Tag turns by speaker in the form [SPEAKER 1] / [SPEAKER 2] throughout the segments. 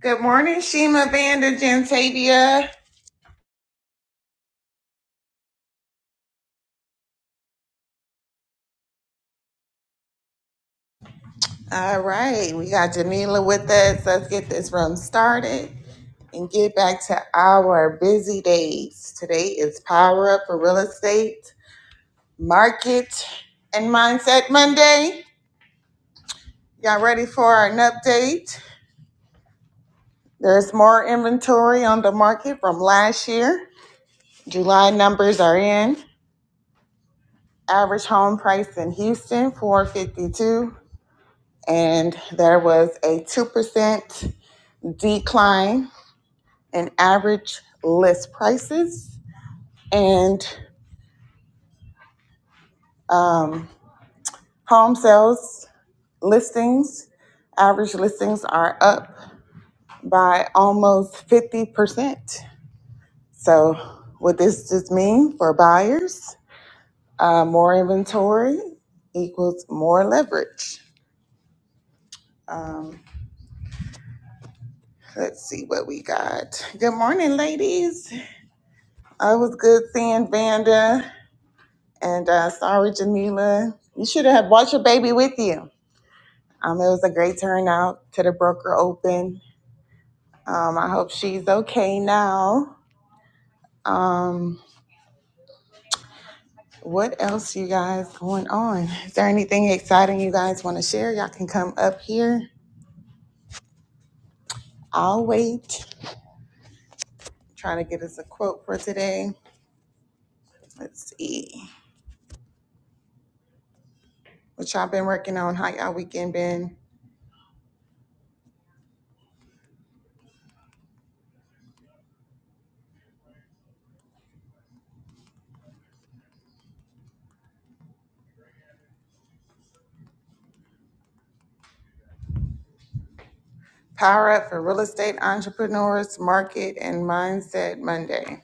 [SPEAKER 1] Good morning, Shima Vander Gentavia. All right, we got Janila with us. Let's get this room started and get back to our busy days. Today is Power Up for Real Estate, Market, and Mindset Monday. Y'all ready for an update? There's more inventory on the market from last year. July numbers are in. Average home price in Houston, 452. And there was a 2% decline in average list prices and um, home sales listings. Average listings are up by almost 50%. So, what this just mean for buyers? Uh, more inventory equals more leverage. Um, let's see what we got. Good morning, ladies. I was good seeing Vanda And uh, sorry, Jamila, you should have brought your baby with you. Um, it was a great turnout to the broker open. Um, I hope she's okay now. Um, what else you guys going on? Is there anything exciting you guys want to share? Y'all can come up here. I'll wait. trying to get us a quote for today. Let's see. What y'all been working on? How y'all weekend been? Power up for real estate entrepreneurs, market and mindset Monday.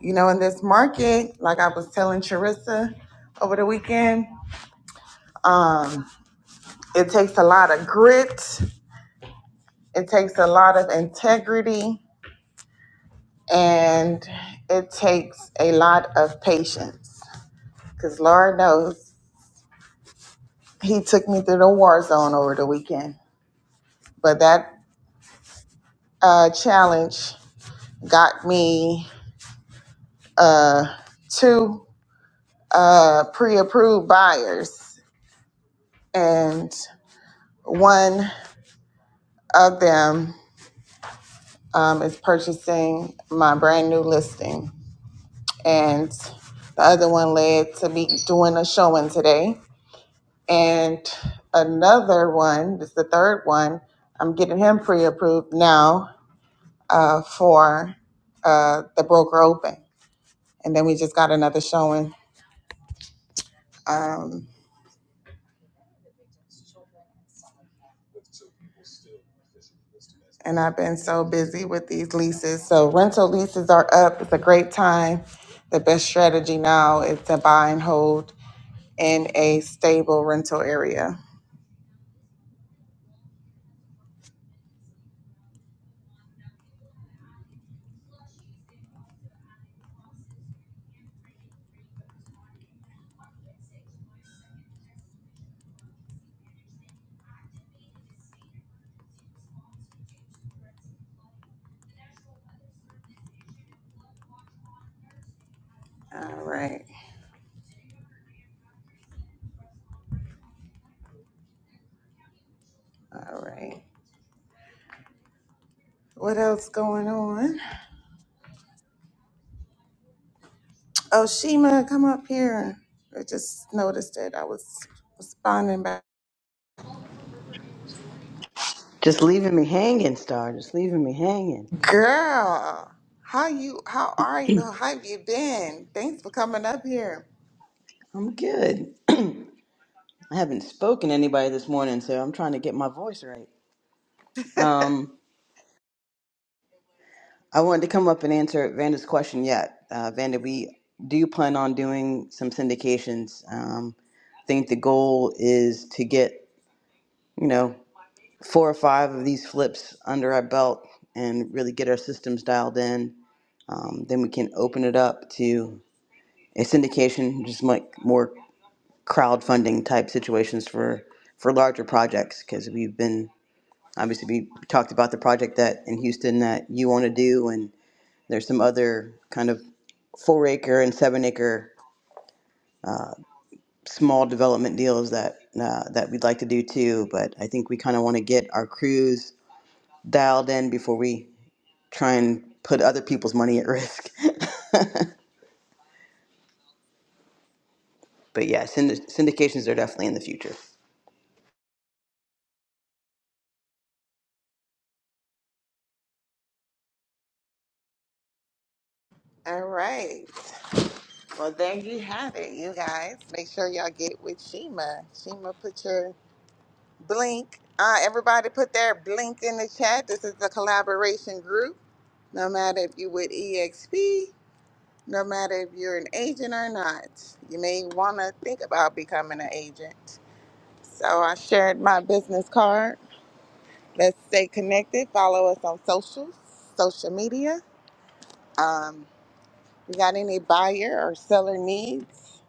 [SPEAKER 1] You know, in this market, like I was telling Charissa over the weekend, um, it takes a lot of grit, it takes a lot of integrity, and it takes a lot of patience. Because Lord knows He took me through the war zone over the weekend. But that uh, challenge got me uh, two uh, pre approved buyers, and one of them um, is purchasing my brand new listing. And the other one led to me doing a showing today. And another one, this is the third one, I'm getting him pre approved now uh, for uh, the broker open. And then we just got another showing. Um, and I've been so busy with these leases. So rental leases are up. It's a great time. The best strategy now is to buy and hold in a stable rental area. All right. All right. What else going on? Oh, Shima, come up here. I just noticed that I was responding back.
[SPEAKER 2] Just leaving me hanging, Star. Just leaving me hanging.
[SPEAKER 1] Girl, how you? How are you? How have you been? Thanks for coming up here.
[SPEAKER 2] I'm good. I haven't spoken to anybody this morning, so I'm trying to get my voice right. Um, I wanted to come up and answer Vanda's question yet. Uh, Vanda, we do plan on doing some syndications. Um, I think the goal is to get, you know, four or five of these flips under our belt and really get our systems dialed in. Um, then we can open it up to a syndication, just like more crowdfunding type situations for for larger projects because we've been obviously we talked about the project that in Houston that you want to do and there's some other kind of four acre and seven acre small development deals that uh, that we'd like to do too but I think we kind of want to get our crews dialed in before we try and put other people's money at risk but yeah synd- syndications are definitely in the future
[SPEAKER 1] All right. Well, there you have it, you guys. Make sure y'all get with Shima. Shima, put your blink. Uh, everybody put their blink in the chat. This is a collaboration group. No matter if you with EXP no matter if you're an agent or not. You may want to think about becoming an agent. So I shared my business card. Let's stay connected. Follow us on socials, social media. Um, we got any buyer or seller needs?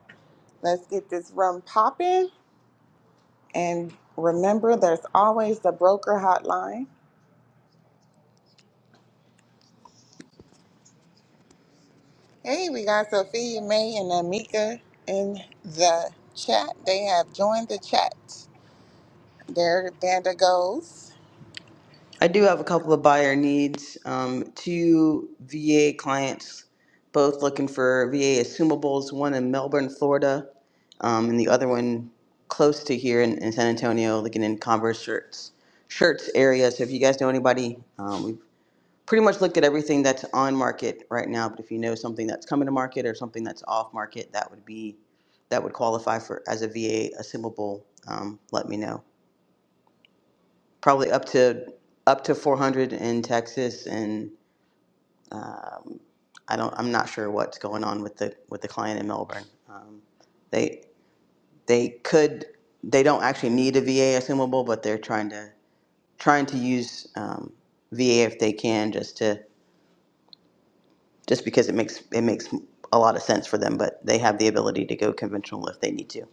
[SPEAKER 1] Let's get this room popping. And remember, there's always the broker hotline. Hey, we got Sophia May and Amika in the chat. They have joined the chat. There Vanda goes.
[SPEAKER 2] I do have a couple of buyer needs. Um, two VA clients, both looking for VA assumables, one in Melbourne, Florida, um, and the other one close to here in, in San Antonio, looking in Converse shirts, shirts area. So if you guys know anybody, um, we've pretty much looked at everything that's on market right now, but if you know something that's coming to market or something that's off market, that would be, that would qualify for, as a VA assumable, um, let me know probably up to up to 400 in Texas, and um, I don't. I'm not sure what's going on with the with the client in Melbourne. Um, they they could they don't actually need a VA assumable, but they're trying to trying to use um, VA if they can, just to just because it makes it makes a lot of sense for them. But they have the ability to go conventional if they need to.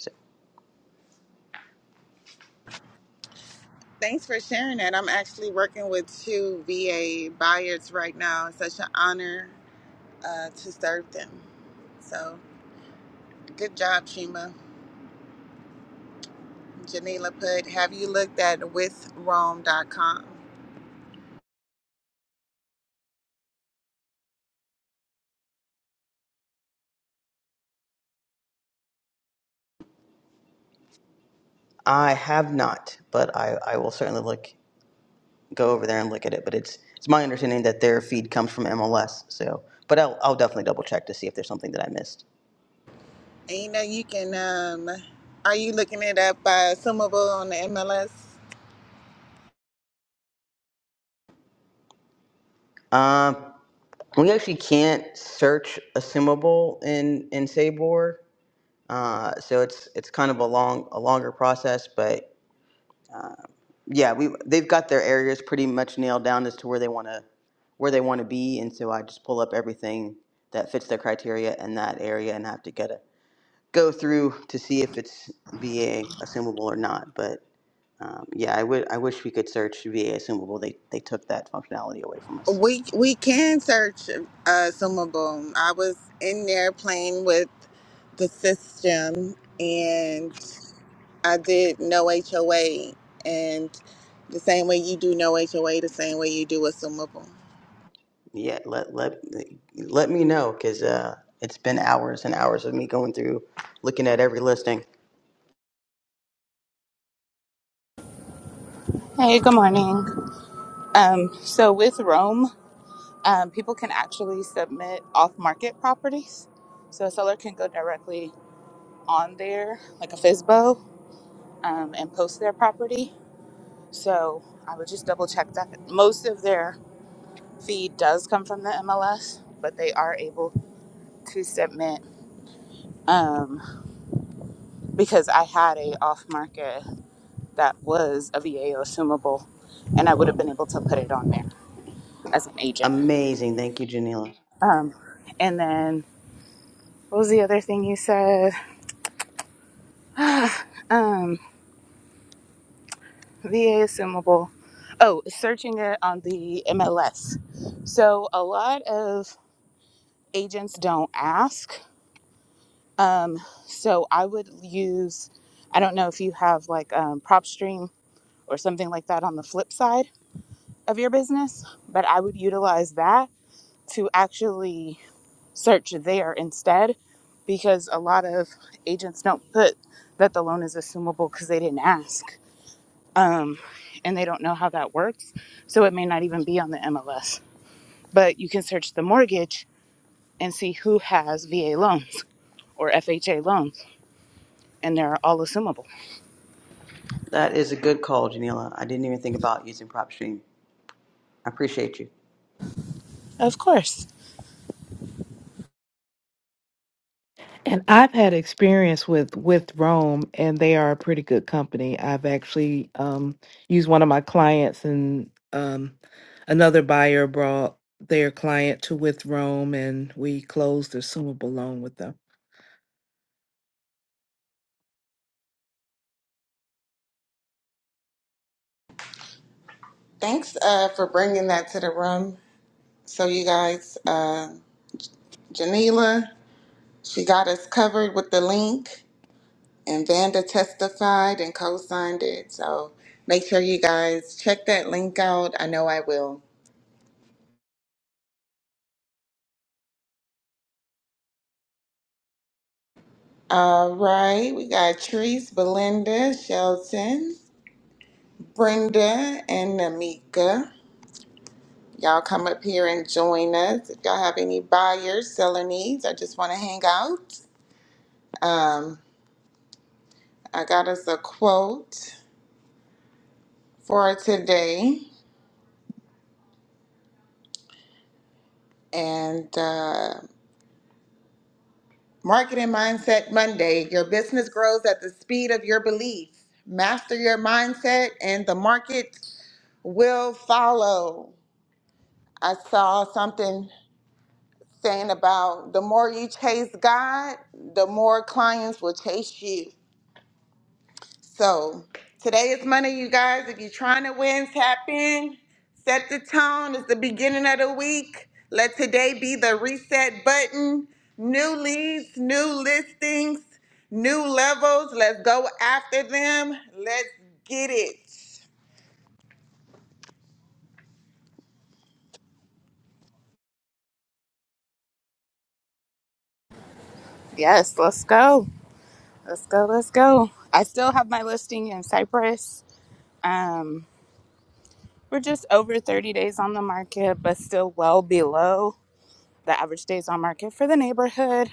[SPEAKER 2] So
[SPEAKER 1] Thanks for sharing that. I'm actually working with two VA buyers right now. It's such an honor uh, to serve them. So good job, Shima. Janila put, have you looked at withrome.com?
[SPEAKER 2] I have not, but I, I will certainly look go over there and look at it. But it's it's my understanding that their feed comes from MLS. So, but I'll I'll definitely double check to see if there's something that I missed.
[SPEAKER 1] And you know, you can, um, are you looking it up by Sumable on the MLS?
[SPEAKER 2] Um, we actually can't search assumable in in Sabor. Uh, so it's it's kind of a long a longer process, but yeah, we they've got their areas pretty much nailed down as to where they want to where they want to be, and so I just pull up everything that fits their criteria in that area and have to get a go through to see if it's VA assumable or not. But Um, yeah, I would. I wish we could search VA assumable. They they took that functionality away from us.
[SPEAKER 1] We, we can search uh, Sumable. I was in there playing with the system and. I did no HOA, and the same way you do no HOA, the same way you do assumable.
[SPEAKER 2] Yeah, let let let me know because uh, it's been hours and hours of me going through, looking at every listing.
[SPEAKER 3] Hey, good morning. Um, so with Rome, um, people can actually submit off-market properties. So a seller can go directly on there, like a FSBO, um, and post their property. So I would just double check that. Most of their feed does come from the MLS, but they are able to submit um, because I had a off-market that was a VA or assumable, and I would have been able to put it on there as an agent.
[SPEAKER 2] Amazing, thank you, Janila.
[SPEAKER 3] Um, and then What was the other thing you said? um, VA assumable. Oh, searching it on the MLS. So a lot of agents don't ask. Um, so I would use, I don't know if you have like um, PropStream or something like that on the flip side of your business, but I would utilize that to actually search there instead because a lot of agents don't put that the loan is assumable because they didn't ask. um, and they don't know how that works. So it may not even be on the MLS. But you can search the mortgage and see who has VA loans or FHA loans, and they're all assumable.
[SPEAKER 2] That is a good call, Janila. I didn't even think about using PropStream. I appreciate you.
[SPEAKER 3] Of course.
[SPEAKER 4] And I've had experience with with Rome, and they are a pretty good company. I've actually um, used one of my clients and um, another buyer brought their client to with Rome, and we closed their assumable loan with them.
[SPEAKER 1] Thanks uh, for bringing that to the room. So, you guys, uh, Janila, she got us covered with the link, and Vanda testified and co signed it. So, make sure you guys check that link out. I know I will. All right, we got Trees, Belinda, Shelton, Brenda, and Namika. Y'all come up here and join us. If y'all have any buyers, seller needs, I just want to hang out. Um, I got us a quote for today and uh, Marketing Mindset Monday. Your business grows at the speed of your beliefs. Master your mindset, and the market will follow. I saw something saying about the more you chase God, the more clients will chase you. So today is Monday, you guys. If you're trying to win, tap in. Set the tone. It's the beginning of the week. Let today be the reset button. New leads, new listings, new levels. Let's go after them. Let's get it.
[SPEAKER 3] Yes, let's go. Let's go. Let's go. I still have my listing in Cyprus. Um, we're just over 30 days on the market, but still well below the average days on market for the neighborhood.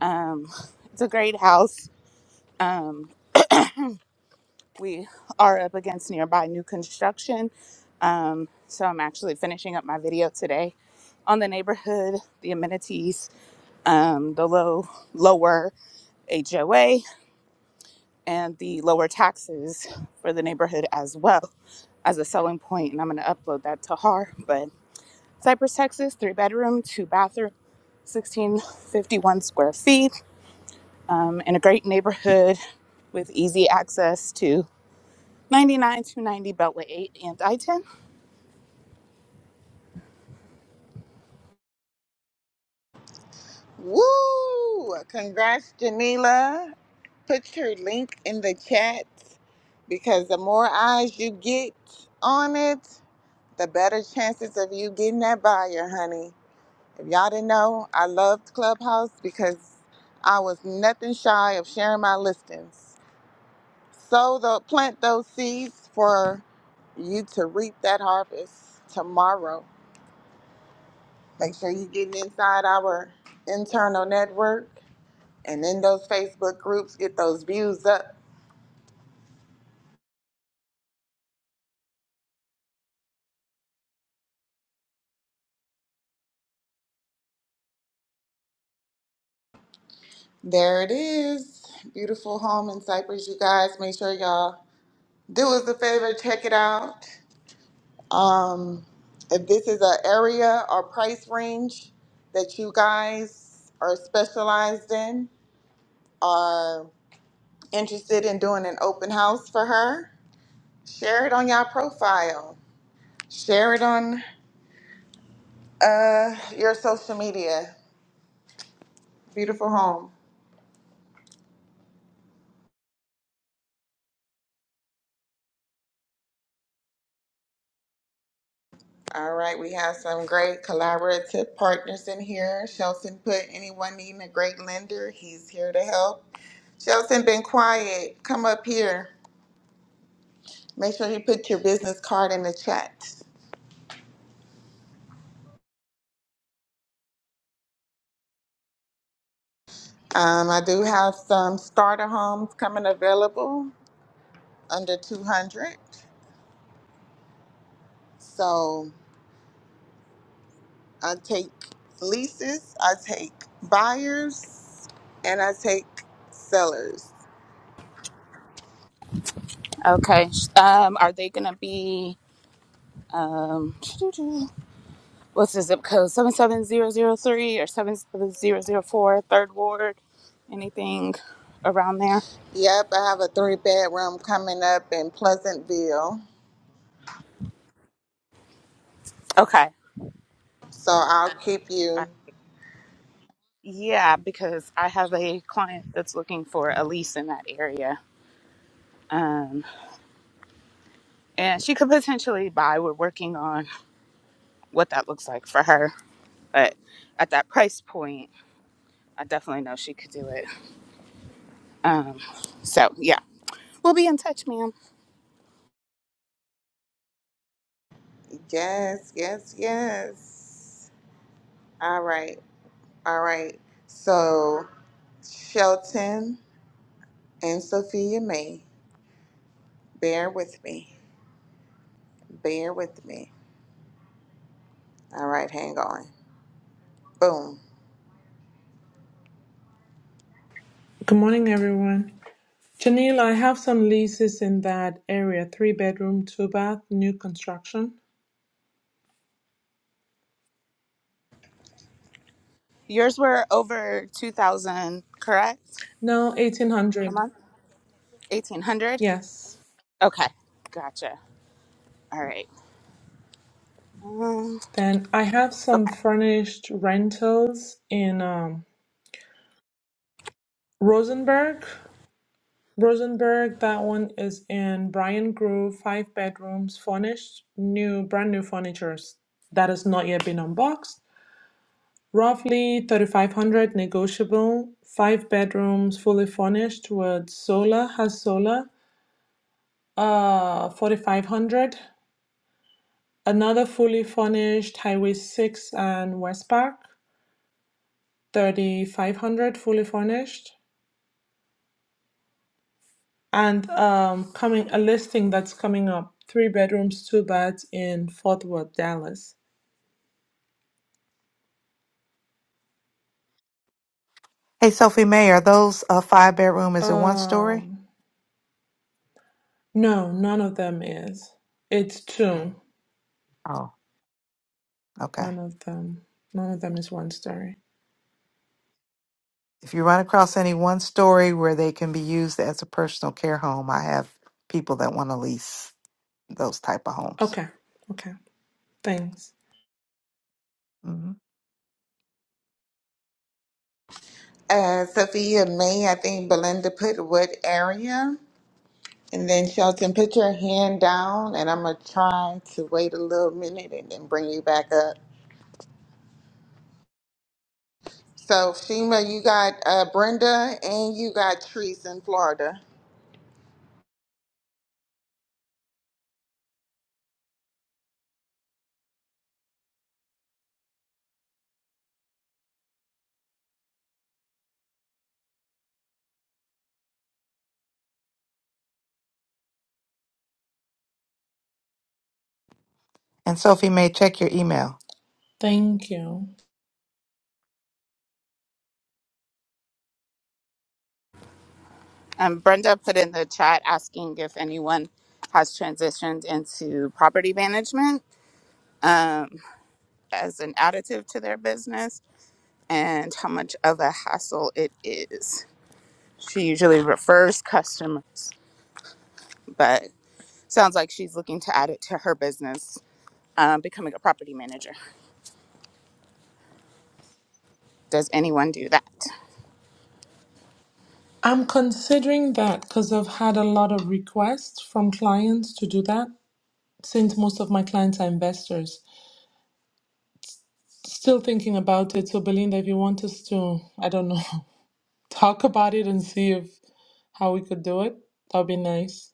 [SPEAKER 3] Um, it's a great house. Um, we are up against nearby new construction. Um, so I'm actually finishing up my video today on the neighborhood, the amenities, um, the low lower HOA, and the lower taxes for the neighborhood as well as a selling point, point. and I'm gonna upload that to Har. But Cypress, Texas, three bedroom, two bathroom, 1651 square feet, um, in a great neighborhood with easy access to 99 to 90 Beltway 8 and I-10
[SPEAKER 1] Woo! Congrats, Janila. Put your link in the chat because the more eyes you get on it, the better chances of you getting that buyer, honey. If y'all didn't know, I loved Clubhouse because I was nothing shy of sharing my listings. So the plant those seeds for you to reap that harvest tomorrow. Make sure you're getting inside our internal network and in those Facebook groups, get those views up. There it is. Beautiful home in Cypress. you guys. Make sure y'all do us a favor, check it out. Um, if this is an area or price range that you guys are specialized in, are interested in doing an open house for her, share it on your profile. Share it on uh, your social media. Beautiful home. All right, we have some great collaborative partners in here. Shelton put anyone needing a great lender, he's here to help. Shelton been quiet. Come up here. Make sure you put your business card in the chat. Um, I do have some starter homes coming available under 200. So I take leases, I take buyers, and I take sellers.
[SPEAKER 3] Okay. Um, are they gonna be um what's the zip code? Seven seven zero zero three or seven seven zero zero four, third ward, anything around there?
[SPEAKER 1] Yep, I have a three bedroom coming up in Pleasantville.
[SPEAKER 3] Okay.
[SPEAKER 1] So I'll keep
[SPEAKER 3] Uh,
[SPEAKER 1] you.
[SPEAKER 3] yeah, because I have a client that's looking for a lease in that area. Um and she could potentially buy. We're working on what that looks like for her. But at that price point, I definitely know she could do it. Um so yeah. We'll be in touch, ma'am.
[SPEAKER 1] Yes, yes, yes. All right, all right. So, Shelton. and Sophia May. Bear with me. Bear with me. All right, hang on. Boom.
[SPEAKER 5] Good morning, everyone. Janelle, I have some leases in that area three bedroom, two bath, new construction.
[SPEAKER 3] Yours were over 2000, correct?
[SPEAKER 5] No,
[SPEAKER 3] A
[SPEAKER 5] 1800.
[SPEAKER 3] month? 1800?
[SPEAKER 5] Yes.
[SPEAKER 3] Okay. Gotcha. All right. Um,
[SPEAKER 5] Then I have some
[SPEAKER 3] okay.
[SPEAKER 5] furnished rentals in um, Rosenberg. Rosenberg, that one is in Bryan Grove, five bedrooms, furnished, new, brand new furnitures that has not yet been unboxed. Roughly 3,500 negotiable, five bedrooms fully furnished with solar, has solar, uh, 4,500. Another fully furnished Highway 6 and West Park, 3,500 fully furnished. And um, coming a listing that's coming up, three bedrooms, two baths in Fort Worth, Dallas.
[SPEAKER 4] Hey, Sophie May, are those uh, five bedroom? Is it one story?
[SPEAKER 5] Um, no, none of them is. It's two.
[SPEAKER 4] Oh, okay.
[SPEAKER 5] None of them. None of them is one story.
[SPEAKER 4] If you run across any one story where they can be used as a personal care home, I have people that want to lease those type of homes.
[SPEAKER 5] Okay. Okay. Thanks.
[SPEAKER 4] hmm
[SPEAKER 1] Uh, Sophia May, I think Belinda put what area? And then Shelton, put your hand down, and I'm going to try to wait a little minute and then bring you back up. So, Shima, you got uh, Brenda and you got Trees in Florida.
[SPEAKER 4] Yeah.
[SPEAKER 5] Thank you.
[SPEAKER 3] Um, Brenda put in the chat asking if anyone has transitioned into property management um, as an additive to their business and how much of a hassle it is. She usually refers customers, but sounds like she's looking to add it to her business, um, becoming a property manager. Does anyone do that?
[SPEAKER 5] I'm considering that because I've had a lot of requests from clients to do that since most of my clients are investors. Still thinking about it. So, Belinda, if you want us to, I don't know, talk about it and see if how we could do it, that would be nice.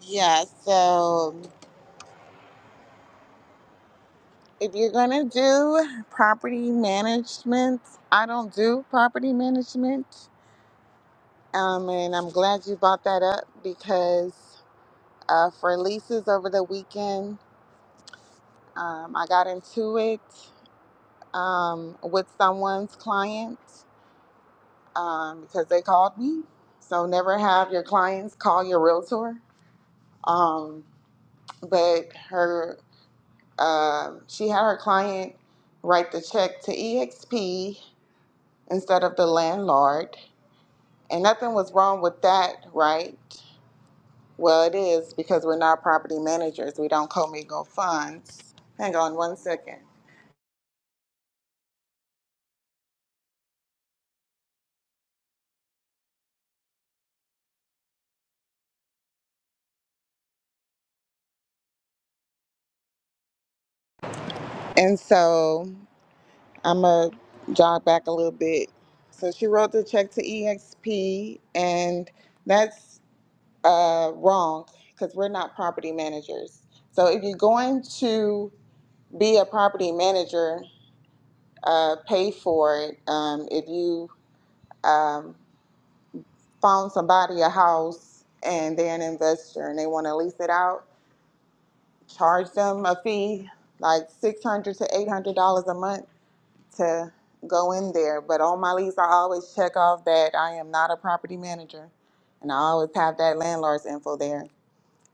[SPEAKER 1] Yeah, so if you're going to do property management, I don't do property management. Um, and I'm glad you brought that up because uh, for leases over the weekend, um, I got into it um, with someone's client um, because they called me. So never have your clients call your realtor. Um, but her, uh, she had her client write the check to EXP instead of the landlord, and nothing was wrong with that, right? Well, it is because we're not property managers. We don't commingle funds. Hang on one second. And so I'm going to jog back a little bit. So she wrote the check to EXP, and that's uh, wrong because we're not property managers. So if you're going to be a property manager, uh, pay for it. Um, if you um, found somebody a house and they're an investor and they want to lease it out, charge them a fee, like six hundred to eight hundred dollars a month to go in there. But on my lease, I always check off that I am not a property manager, and I always have that landlord's info there.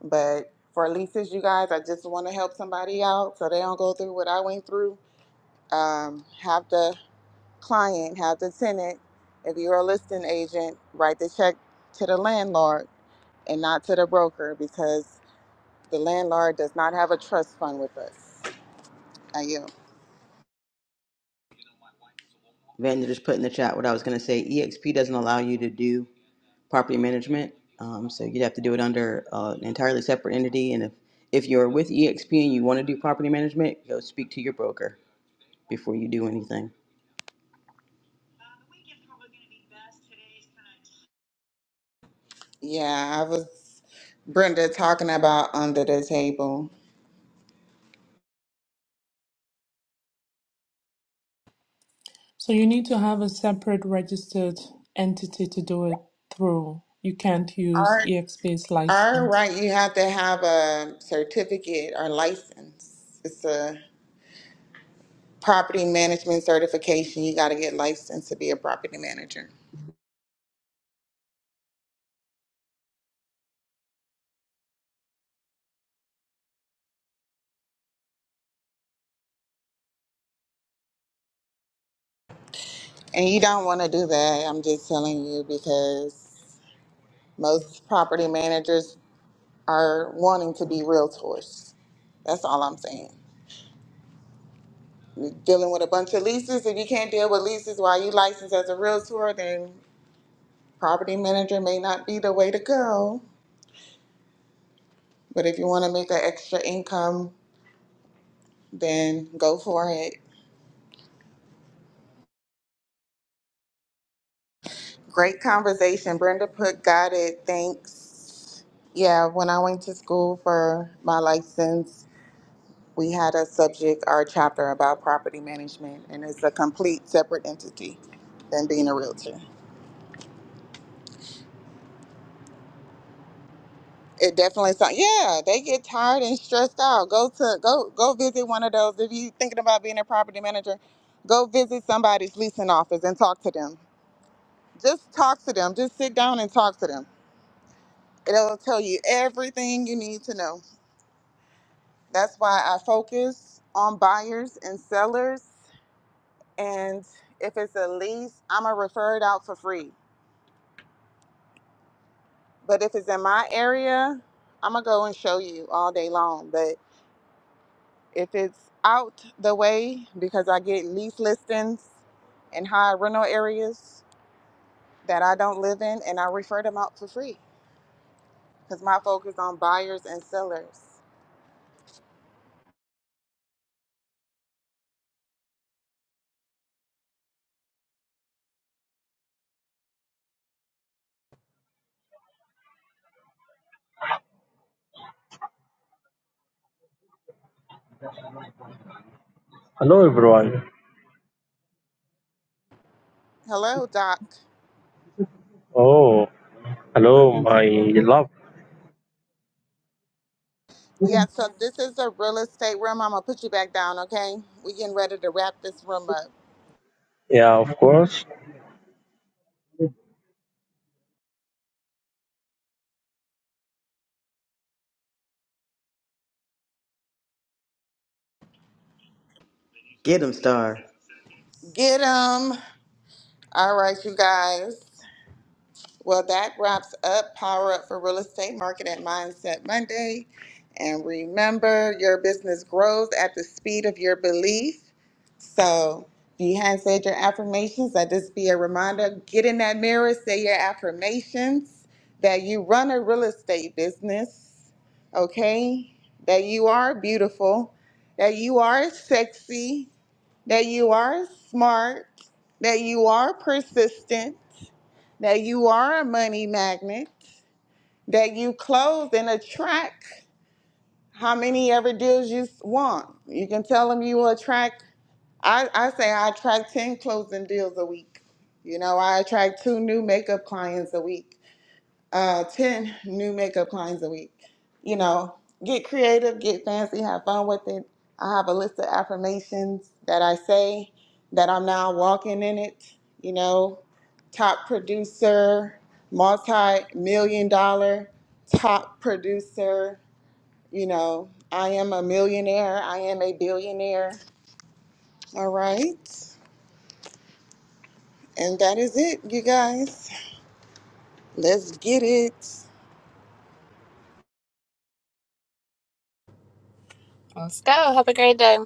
[SPEAKER 1] But for leases, you guys, I just want to help somebody out so they don't go through what I went through. Um, have the client, have the tenant. If you're a listing agent, write the check to the landlord and not to the broker because the landlord does not have a trust fund with us. I yield.
[SPEAKER 2] Vanda just put in the chat what I was going to say. EXP doesn't allow you to do property management, um, so you'd have to do it under uh, an entirely separate entity. And if if you're with EXP and you want to do property management, go speak to your broker before you do anything.
[SPEAKER 1] Yeah, I was Brenda talking about under the table.
[SPEAKER 5] So, you need to have a separate registered entity to do it through. You can't use
[SPEAKER 1] Our
[SPEAKER 5] EXP's
[SPEAKER 1] our
[SPEAKER 5] license.
[SPEAKER 1] right, you have to have a certificate or license. It's a property management certification. You got to get licensed to be a property manager, and you don't want to do that. I'm just telling you because most property managers are wanting to be realtors. That's all I'm saying. Dealing with a bunch of leases, if you can't deal with leases while you licensed as a realtor, then Property manager may not be the way to go, but if you want to make an extra income, then go for it. Great conversation. Brenda put got it. Thanks. Yeah, when I went to school for my license, we had a subject or chapter about property management, and it's a complete separate entity than being a realtor. It definitely sounds. Yeah, they get tired and stressed out. Go to go go visit one of those. If you thinking about being a property manager, go visit somebody's leasing office and talk to them. Just talk to them. Just sit down and talk to them. It'll tell you everything you need to know. That's why I focus on buyers and sellers. And if it's a lease, I'm gonna refer it out for free. But if it's in my area, I'm gonna go and show you all day long. If it's out the way because I get lease listings in high rental areas that I don't live in and I refer them out for free because my focus on buyers and sellers.
[SPEAKER 6] Hello everyone.
[SPEAKER 1] Hello, Doc.
[SPEAKER 6] Oh, hello my love.
[SPEAKER 1] Yeah, so this is a real estate room. I'm gonna put you back down, okay? We getting ready to wrap this room up.
[SPEAKER 6] Yeah, of course.
[SPEAKER 2] Get them, Star.
[SPEAKER 1] Get 'em. All right, you guys. Well, that wraps up Power Up for Real Estate Market at Mindset Monday. And remember, your business grows at the speed of your belief. So if you hadn't said your affirmations, that just be a reminder. Get in that mirror, say your affirmations that you run a real estate business, okay? That you are beautiful, that you are sexy, that you are smart, that you are persistent that you are a money magnet, that you close and attract how many ever deals you want. You can tell them you will attract, I, I say I attract 10 closing deals a week. You know, I attract two new makeup clients a week uh, 10 new makeup lines a week. You know, get creative, get fancy, have fun with it. I have a list of affirmations that I say that I'm now walking in it. You know, top producer, multi million dollar top producer. You know, I am a millionaire, I am a billionaire. All right. And that is it, you guys. Let's get it.
[SPEAKER 3] Let's go. Have a great day.